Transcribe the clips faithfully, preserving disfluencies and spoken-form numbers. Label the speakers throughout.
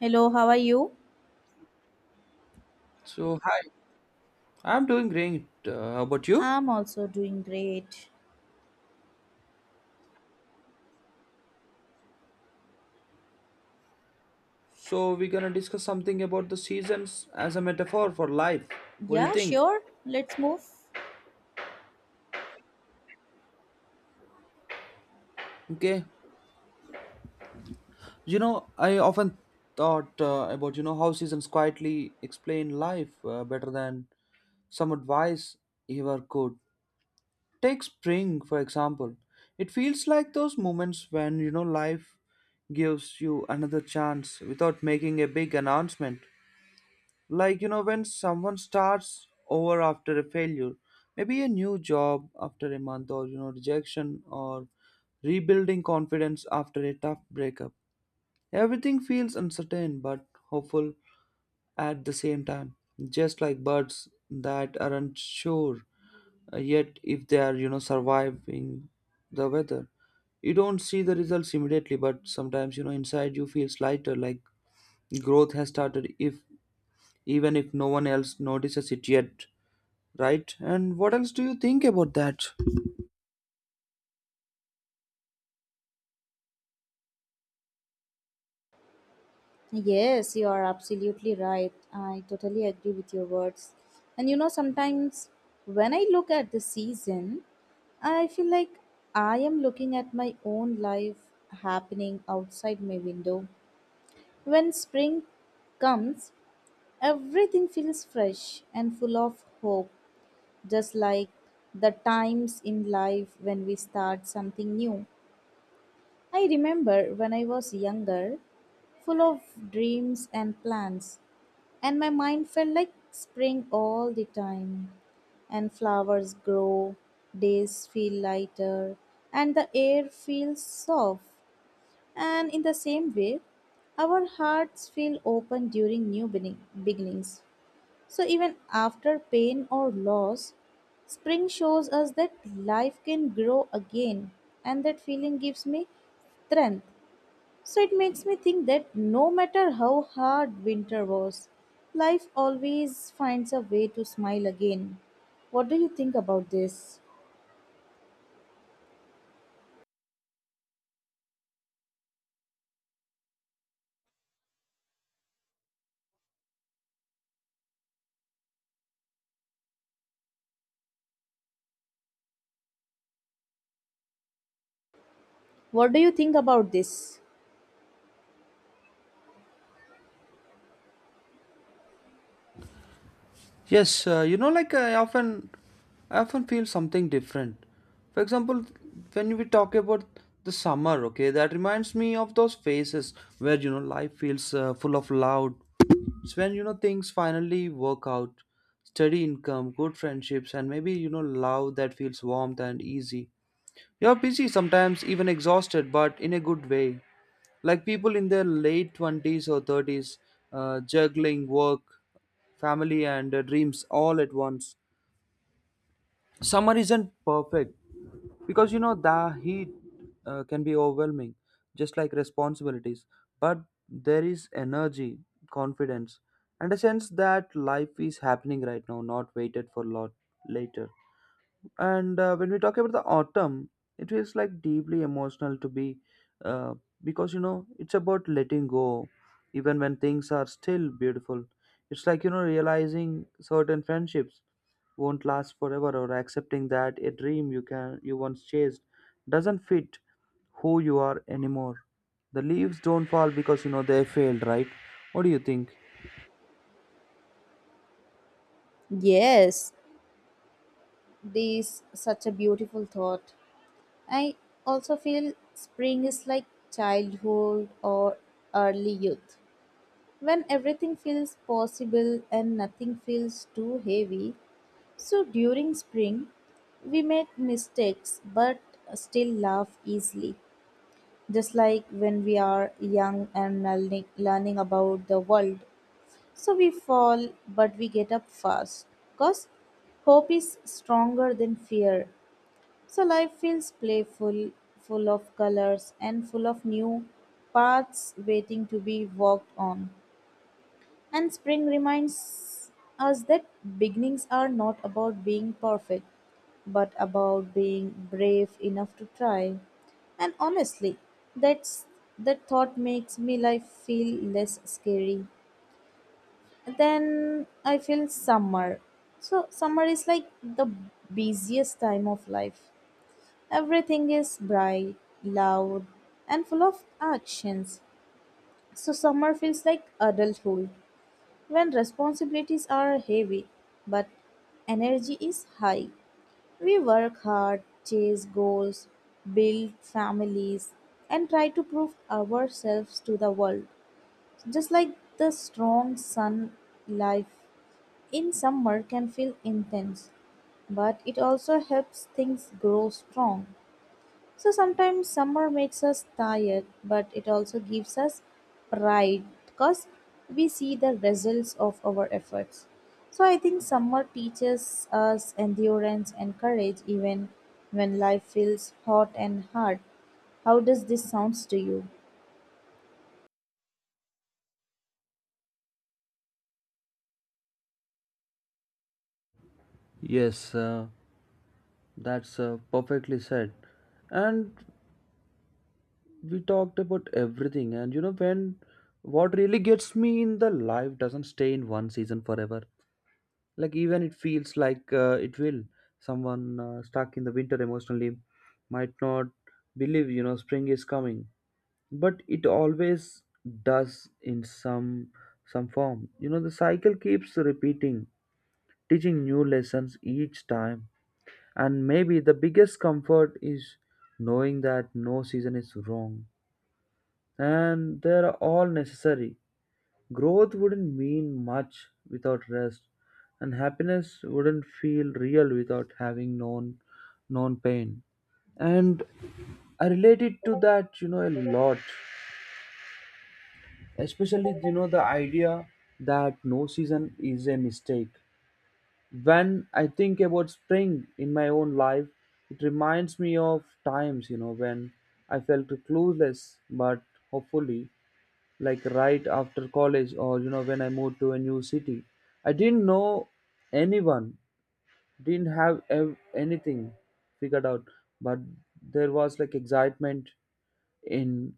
Speaker 1: Hello, how are you?
Speaker 2: So, hi, I'm doing great. Uh, how about you?
Speaker 1: I'm also doing great.
Speaker 2: So, we're gonna discuss something about the seasons as a metaphor for life. What do you
Speaker 1: Yeah,
Speaker 2: think?
Speaker 1: sure. Let's move.
Speaker 2: Okay. You know, I often thought uh, about, you know, how seasons quietly explain life uh, better than some advice ever could. Take spring, for example. It feels like those moments when, you know, life gives you another chance without making a big announcement. Like, you know, when someone starts over after a failure, maybe a new job after a month, or, you know, rejection, or rebuilding confidence after a tough breakup. Everything feels uncertain but hopeful at the same time, just like birds that aren't sure uh, yet if they are, you know, surviving the weather. You don't see the results immediately, but sometimes, you know, inside you feels lighter, like growth has started, if even if no one else notices it yet. Right? And what else do you think about that?
Speaker 1: Yes, you are absolutely right. I totally agree with your words. And you know, sometimes when I look at the season, I feel like I am looking at my own life happening outside my window. When spring comes, everything feels fresh and full of hope, just like the times in life when we start something new. I remember when I was younger, full of dreams and plans, and my mind felt like spring all the time. And flowers grow, days feel lighter, and the air feels soft. And in the same way, our hearts feel open during new begin- beginnings. So even after pain or loss, spring shows us that life can grow again, and that feeling gives me strength. So it makes me think that no matter how hard winter was, life always finds a way to smile again. What do you think about this? What do you think about this?
Speaker 2: Yes. Uh, you know, like, i often i often feel something different. For example, when we talk about the summer, okay, that reminds me of those phases where, you know, life feels uh, full of loud. It's when, you know, things finally work out: steady income, good friendships, and maybe, you know, love that feels warm and easy. You're busy, sometimes even exhausted, but in a good way. Like people in their late twenties or thirties, uh, juggling work, family, and uh, dreams all at once. Summer isn't perfect because, you know, the heat uh, can be overwhelming, just like responsibilities. But there is energy, confidence, and a sense that life is happening right now, not waited for lot later. And uh, when we talk about the autumn, it feels like deeply emotional to be uh, because, you know, it's about letting go, even when things are still beautiful. It's like, you know, realizing certain friendships won't last forever, or accepting that a dream you can you once chased doesn't fit who you are anymore. The leaves don't fall because, you know, they failed, right? What do you think?
Speaker 1: Yes, this such a beautiful thought. I also feel spring is like childhood or early youth. When everything feels possible and nothing feels too heavy, so during spring, we make mistakes but still laugh easily, just like when we are young and learning, learning about the world. So we fall but we get up fast because hope is stronger than fear. So life feels playful, full of colors, and full of new paths waiting to be walked on. And spring reminds us that beginnings are not about being perfect, but about being brave enough to try. And honestly, that's that thought makes me life feel less scary. Then I feel summer. So summer is like the busiest time of life. Everything is bright, loud, and full of actions. So summer feels like adulthood. When responsibilities are heavy but energy is high, we work hard, chase goals, build families, and try to prove ourselves to the world. Just like the strong sun, life in summer can feel intense, but it also helps things grow strong. So sometimes summer makes us tired, but it also gives us pride because we see the results of our efforts. So I think summer teaches us endurance and courage even when life feels hot and hard. How does this sounds to you?
Speaker 2: Yes, uh, that's uh, perfectly said. And we talked about everything, and, you know, when what really gets me in the life doesn't stay in one season forever, like even it feels like uh, it will, someone uh, stuck in the winter emotionally might not believe, you know, spring is coming, but it always does in some some form. You know, the cycle keeps repeating, teaching new lessons each time. And maybe the biggest comfort is knowing that no season is wrong, and they are all necessary. Growth wouldn't mean much without rest, and happiness wouldn't feel real without having known known pain. And I related to that, you know, a lot. Especially, you know, the idea that no season is a mistake. When I think about spring in my own life, it reminds me of times, you know, when I felt clueless but hopefully, like right after college, or, you know, when I moved to a new city. I didn't know anyone, didn't have ev- anything figured out, but there was like excitement in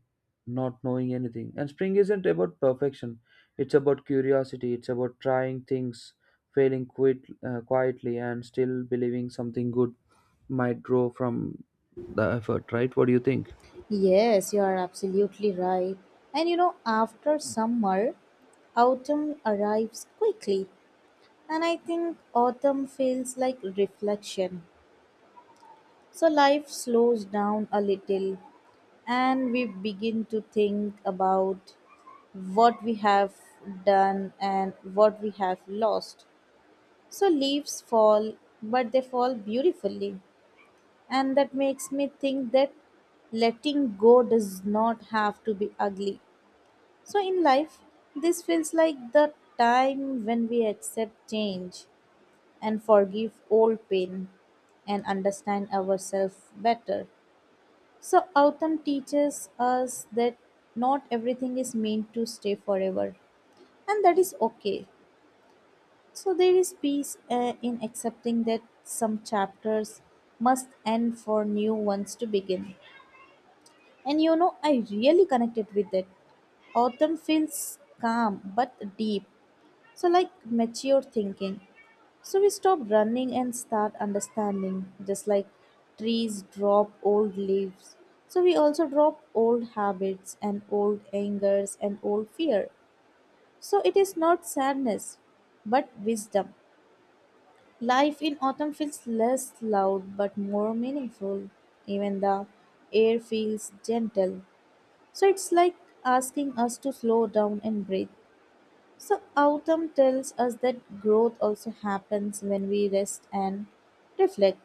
Speaker 2: not knowing anything. And spring isn't about perfection, it's about curiosity, it's about trying things, failing quit, uh, quietly, and still believing something good might grow from the effort. Right? What do you think?
Speaker 1: Yes, you are absolutely right. And you know, after summer, autumn arrives quickly, and I think autumn feels like reflection. So life slows down a little and we begin to think about what we have done and what we have lost. So leaves fall, but they fall beautifully. And that makes me think that letting go does not have to be ugly. So in life, this feels like the time when we accept change and forgive old pain and understand ourselves better. So, autumn teaches us that not everything is meant to stay forever, and that is okay. So, there is peace uh, in accepting that some chapters must end for new ones to begin. And you know, I really connected with that. Autumn feels calm but deep, so like mature thinking. So we stop running and start understanding, just like trees drop old leaves. So we also drop old habits and old angers and old fear. So it is not sadness, but wisdom. Life in autumn feels less loud but more meaningful. Even the air feels gentle. So it's like asking us to slow down and breathe. So, autumn tells us that growth also happens when we rest and reflect.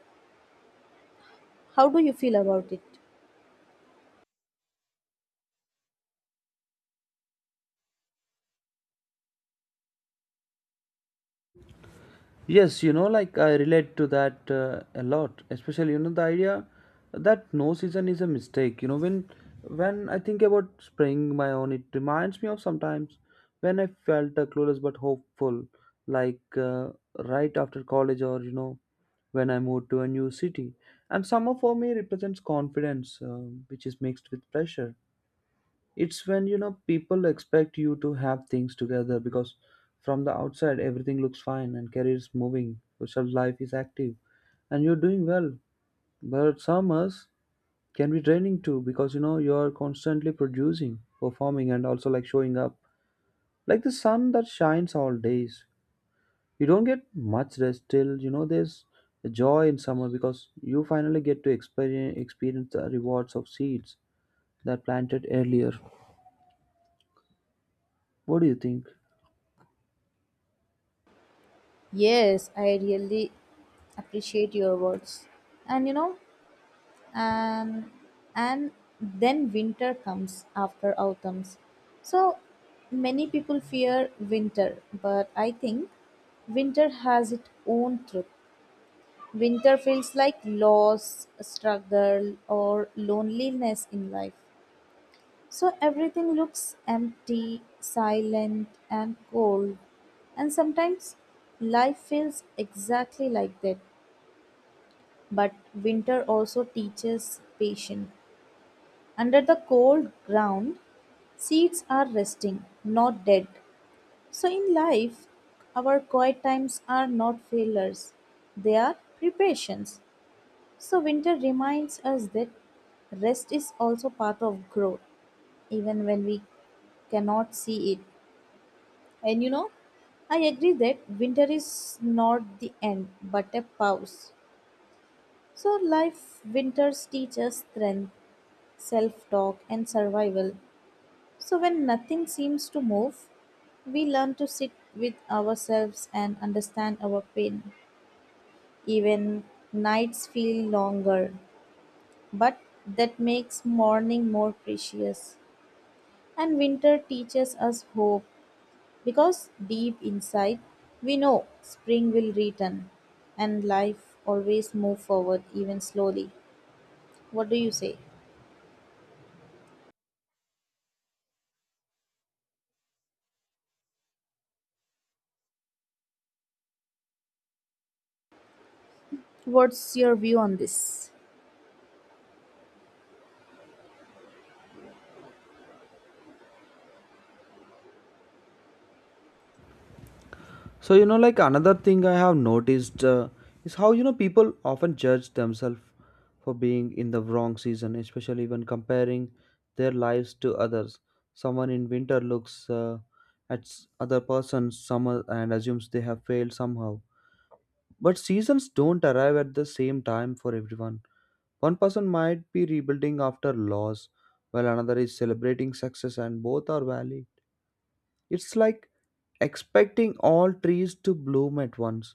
Speaker 1: How do you feel about it?
Speaker 2: Yes, you know, like I relate to that uh, a lot, especially, you know, the idea that no season is a mistake. You know, when when I think about spring, my own, it reminds me of sometimes when I felt uh, clueless but hopeful, like uh, right after college, or, you know, when I moved to a new city. And summer for me represents confidence, uh, which is mixed with pressure. It's when, you know, people expect you to have things together because from the outside everything looks fine and career is moving, social life is active, and you're doing well. But summers can be draining too, because, you know, you're constantly producing, performing, and also like showing up like the sun that shines all days. You don't get much rest till, you know, there's a joy in summer because you finally get to experience experience the rewards of seeds that planted earlier. What do you think?
Speaker 1: Yes, I really appreciate your words. And you know, and and then winter comes after autumns. So, many people fear winter, but I think winter has its own truth. Winter feels like loss, struggle, or loneliness in life. So everything looks empty, silent, and cold. And sometimes life feels exactly like that. But winter also teaches patience. Under the cold ground, seeds are resting, not dead. So in life, our quiet times are not failures, they are preparations. So winter reminds us that rest is also part of growth, even when we cannot see it. And you know, I agree that winter is not the end but a pause. So, life winters teach us strength, self talk, and survival. So, when nothing seems to move, we learn to sit with ourselves and understand our pain. Even nights feel longer, but that makes morning more precious. And winter teaches us hope, because deep inside, we know spring will return and life always move forward even slowly. What do you say? What's your view on this?
Speaker 2: So, you know, like another thing I have noticed uh, is how, you know, people often judge themselves for being in the wrong season, especially when comparing their lives to others. Someone in winter looks uh, at s- other person's summer and assumes they have failed somehow. But seasons don't arrive at the same time for everyone. One person might be rebuilding after loss, while another is celebrating success, and both are valid. It's like expecting all trees to bloom at once,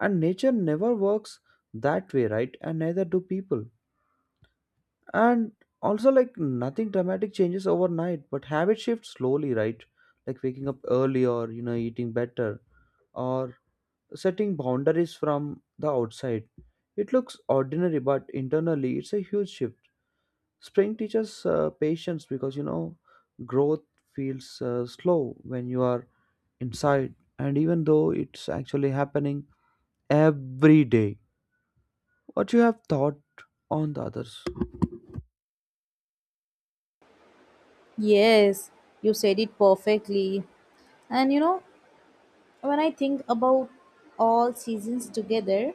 Speaker 2: and nature never works that way, right? And neither do people. And also like nothing dramatic changes overnight, but habit shifts slowly, right? Like waking up early, or, you know, eating better, or setting boundaries. From the outside it looks ordinary, but internally it's a huge shift. Spring teaches uh, patience because, you know, growth feels uh, slow when you are inside, and even though it's actually happening every day. What you have thought on the others?
Speaker 1: Yes, you said it perfectly. And you know, when I think about all seasons together,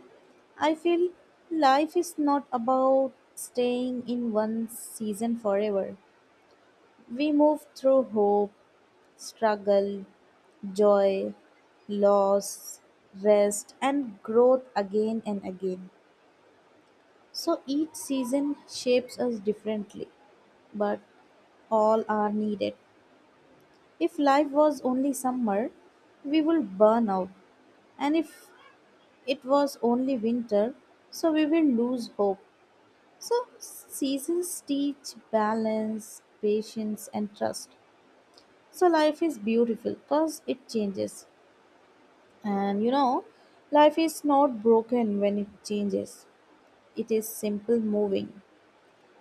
Speaker 1: I feel life is not about staying in one season forever. We move through hope, struggle, joy, loss, rest, and growth again and again. So each season shapes us differently, but all are needed. If life was only summer, we will burn out, and if it was only winter, so we will lose hope. So seasons teach balance, patience, and trust. So life is beautiful because it changes. And you know, life is not broken when it changes, it is simple moving.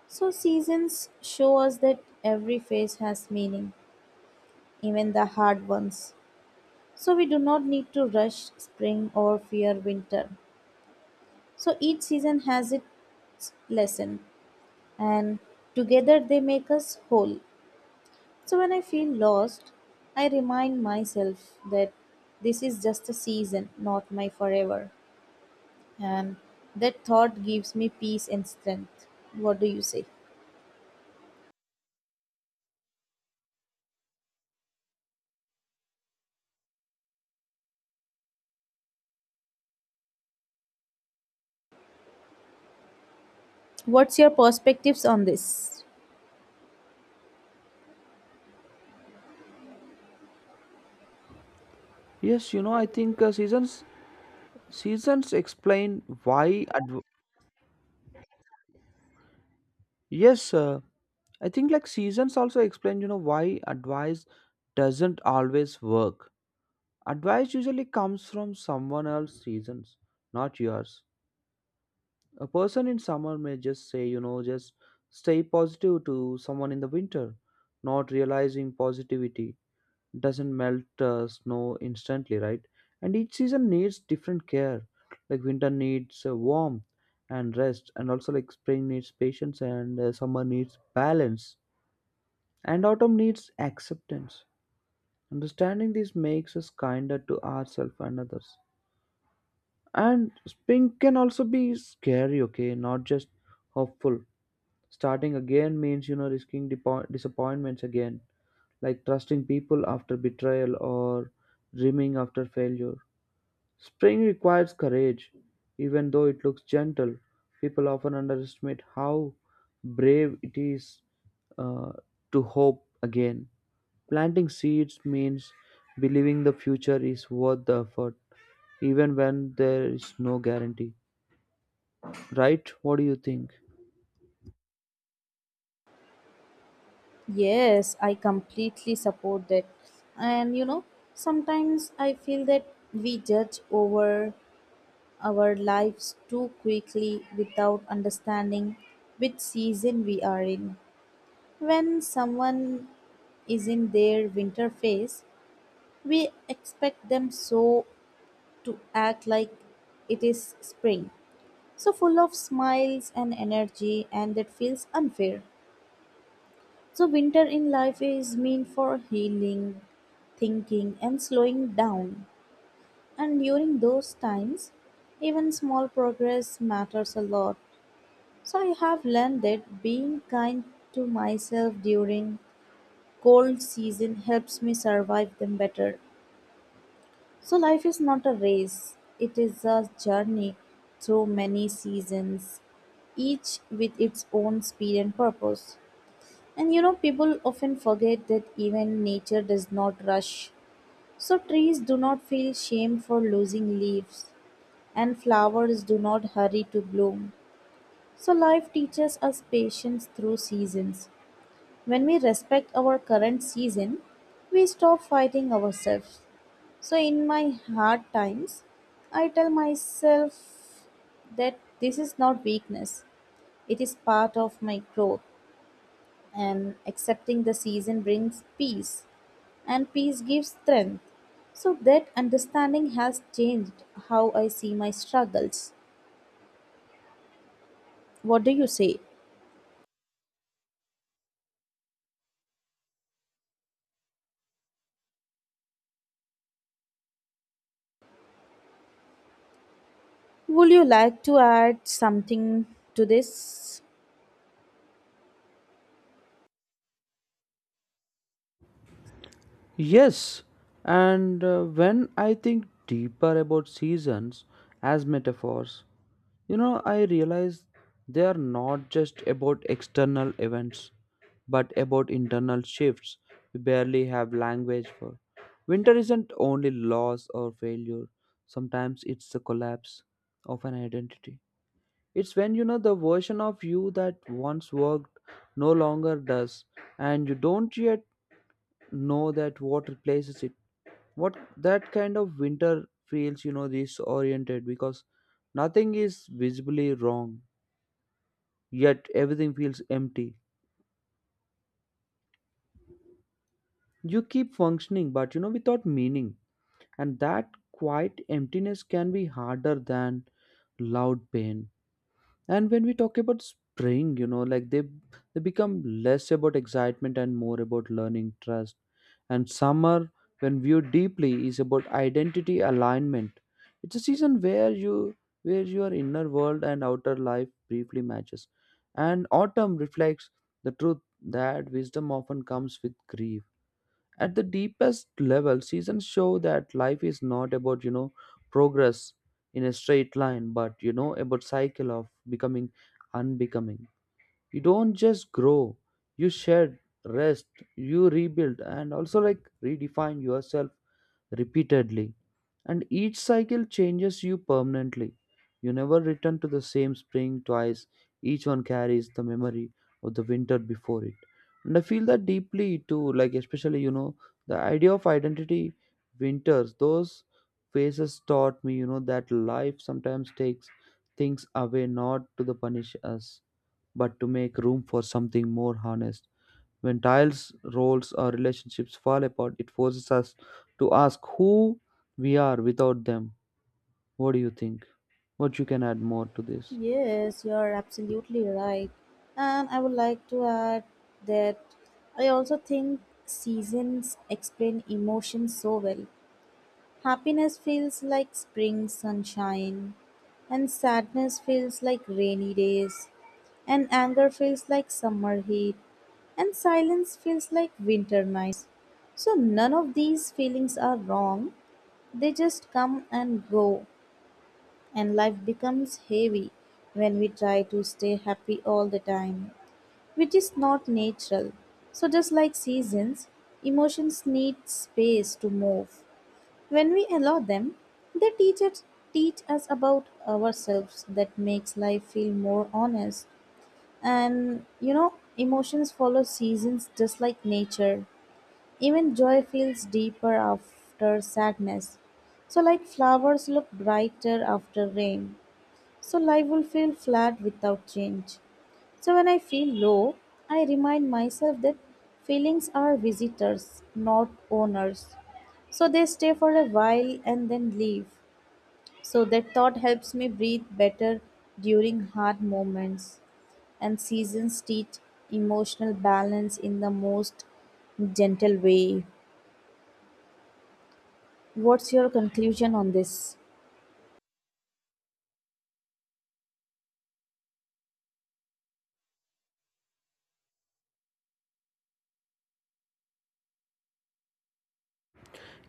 Speaker 1: So, seasons show us that every phase has meaning, even the hard ones. So, we do not need to rush spring or fear winter. So, each season has its lesson, and together they make us whole. So, when I feel lost, I remind myself that this is just a season, not my forever. And that thought gives me peace and strength. What do you say? What's your perspectives on this?
Speaker 2: Yes, you know, I think uh, seasons seasons explain why adv- yes, uh, I think like seasons also explain, you know, why advice doesn't always work. Advice usually comes from someone else's reasons, not yours. A person in summer may just say, you know, just stay positive to someone in the winter, not realizing positivity doesn't melt uh, snow instantly, right? And each season needs different care. Like winter needs uh, warmth and rest, and also like spring needs patience, and uh, summer needs balance, and autumn needs acceptance. Understanding this makes us kinder to ourselves and others. And spring can also be scary, okay, not just hopeful. Starting again means, you know, risking depo- disappointments again, like trusting people after betrayal, or dreaming after failure. Spring requires courage. Even though it looks gentle, people often underestimate how brave it is uh, to hope again. Planting seeds means believing the future is worth the effort, even when there is no guarantee. Right? What do you think?
Speaker 1: Yes, I completely support that. And you know, sometimes I feel that we judge over our lives too quickly without understanding which season we are in. When someone is in their winter phase, we expect them so to act like it is spring. So full of smiles and energy, and that feels unfair. So winter in life is mean for healing, thinking, and slowing down. And during those times, even small progress matters a lot. So I have learned that being kind to myself during cold season helps me survive them better. So life is not a race, it is a journey through many seasons, each with its own speed and purpose. And you know, people often forget that even nature does not rush. So, trees do not feel shame for losing leaves, and flowers do not hurry to bloom. So, life teaches us patience through seasons. When we respect our current season, we stop fighting ourselves. So, in my hard times, I tell myself that this is not weakness, it is part of my growth. And accepting the season brings peace, and peace gives strength. So that understanding has changed how I see my struggles. What do you say? Would you like to add something to this?
Speaker 2: Yes, and uh, when I think deeper about seasons as metaphors, you know, I realize they are not just about external events, but about internal shifts we barely have language for. Winter isn't only loss or failure, sometimes it's the collapse of an identity. It's when, you know, the version of you that once worked no longer does, and you don't yet know that what replaces it, what that kind of winter feels, you know, disoriented because nothing is visibly wrong, yet everything feels empty. You keep functioning but, you know, without meaning, and that quiet emptiness can be harder than loud pain. And when we talk about spring, you know, like they they become less about excitement and more about learning trust. And summer, when viewed deeply, is about identity alignment. It's a season where you where your inner world and outer life briefly matches. And autumn reflects the truth that wisdom often comes with grief. At the deepest level, seasons show that life is not about, you know, progress in a straight line, but, you know, about cycle of becoming, unbecoming. You don't just grow, you shed, rest, you rebuild, and also like redefine yourself repeatedly. And each cycle changes you permanently. You never return to the same spring twice. Each one carries the memory of the winter before it. And I feel that deeply too, like especially, you know, the idea of identity winters. Those phases taught me, you know, that life sometimes takes things away, not to the punish us, but to make room for something more honest. When tiles, roles, or relationships fall apart, it forces us to ask who we are without them. What do you think? What you can add more to this?
Speaker 1: Yes, you are absolutely right, and I would like to add that I also think seasons explain emotions so well. Happiness feels like spring sunshine, and sadness feels like rainy days, and anger feels like summer heat, and silence feels like winter nights. So, none of these feelings are wrong, they just come and go, and life becomes heavy when we try to stay happy all the time, which is not natural. So, just like seasons, emotions need space to move. When we allow them, they teach us, teach us about ourselves that makes life feel more honest. And you know, emotions follow seasons just like nature. Even joy feels deeper after sadness. So, like flowers look brighter after rain, so life will feel flat without change. So, when I feel low, I remind myself that feelings are visitors, not owners. So, they stay for a while and then leave. So that thought helps me breathe better during hard moments. And seasons teach emotional balance in the most gentle way. What's your conclusion on this?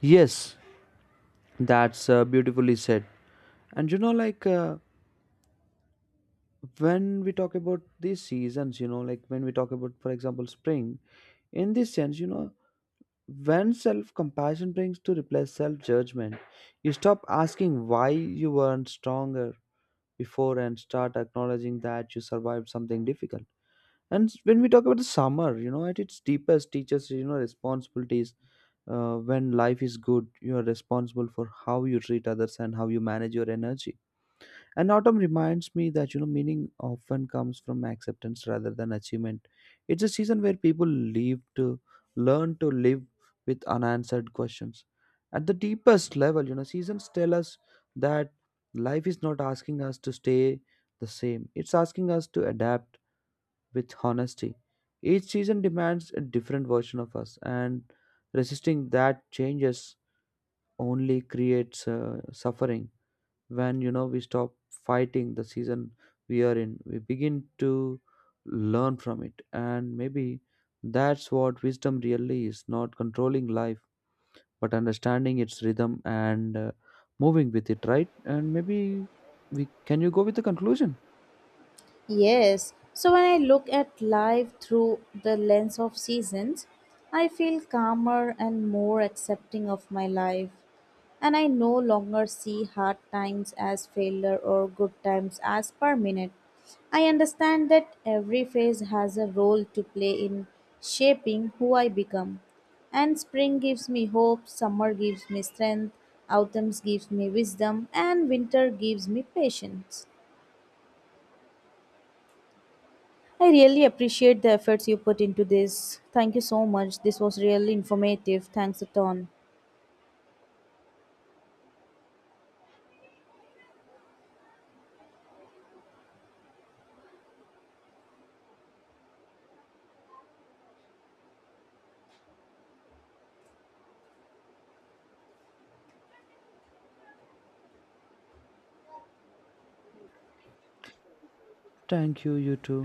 Speaker 2: Yes, that's uh, beautifully said. And you know, like, uh, when we talk about these seasons, you know, like when we talk about, for example, spring, in this sense, you know, when self compassion brings to replace self judgment, you stop asking why you weren't stronger before and start acknowledging that you survived something difficult. And s- when we talk about the summer, you know, at its deepest, teaches, you know, responsibilities. Uh, when life is good, you are responsible for how you treat others and how you manage your energy. And autumn reminds me that, you know, meaning often comes from acceptance rather than achievement. It's a season where people live to learn to live with unanswered questions. At the deepest level, you know, seasons tell us that life is not asking us to stay the same. It's asking us to adapt with honesty. Each season demands a different version of us, and resisting that changes only creates uh, suffering. When, you know, we stop fighting the season we are in, we begin to learn from it. And maybe that's what wisdom really is: not controlling life, but understanding its rhythm and uh, moving with it. Right? And maybe we can you go with the conclusion.
Speaker 1: Yes, so when I look at life through the lens of seasons, I feel calmer and more accepting of my life. And I no longer see hard times as failure or good times as permanent. I understand that every phase has a role to play in shaping who I become. And spring gives me hope, summer gives me strength, autumn gives me wisdom, and winter gives me patience. I really appreciate the efforts you put into this. Thank you so much. This was really informative. Thanks a ton.
Speaker 2: Thank you you too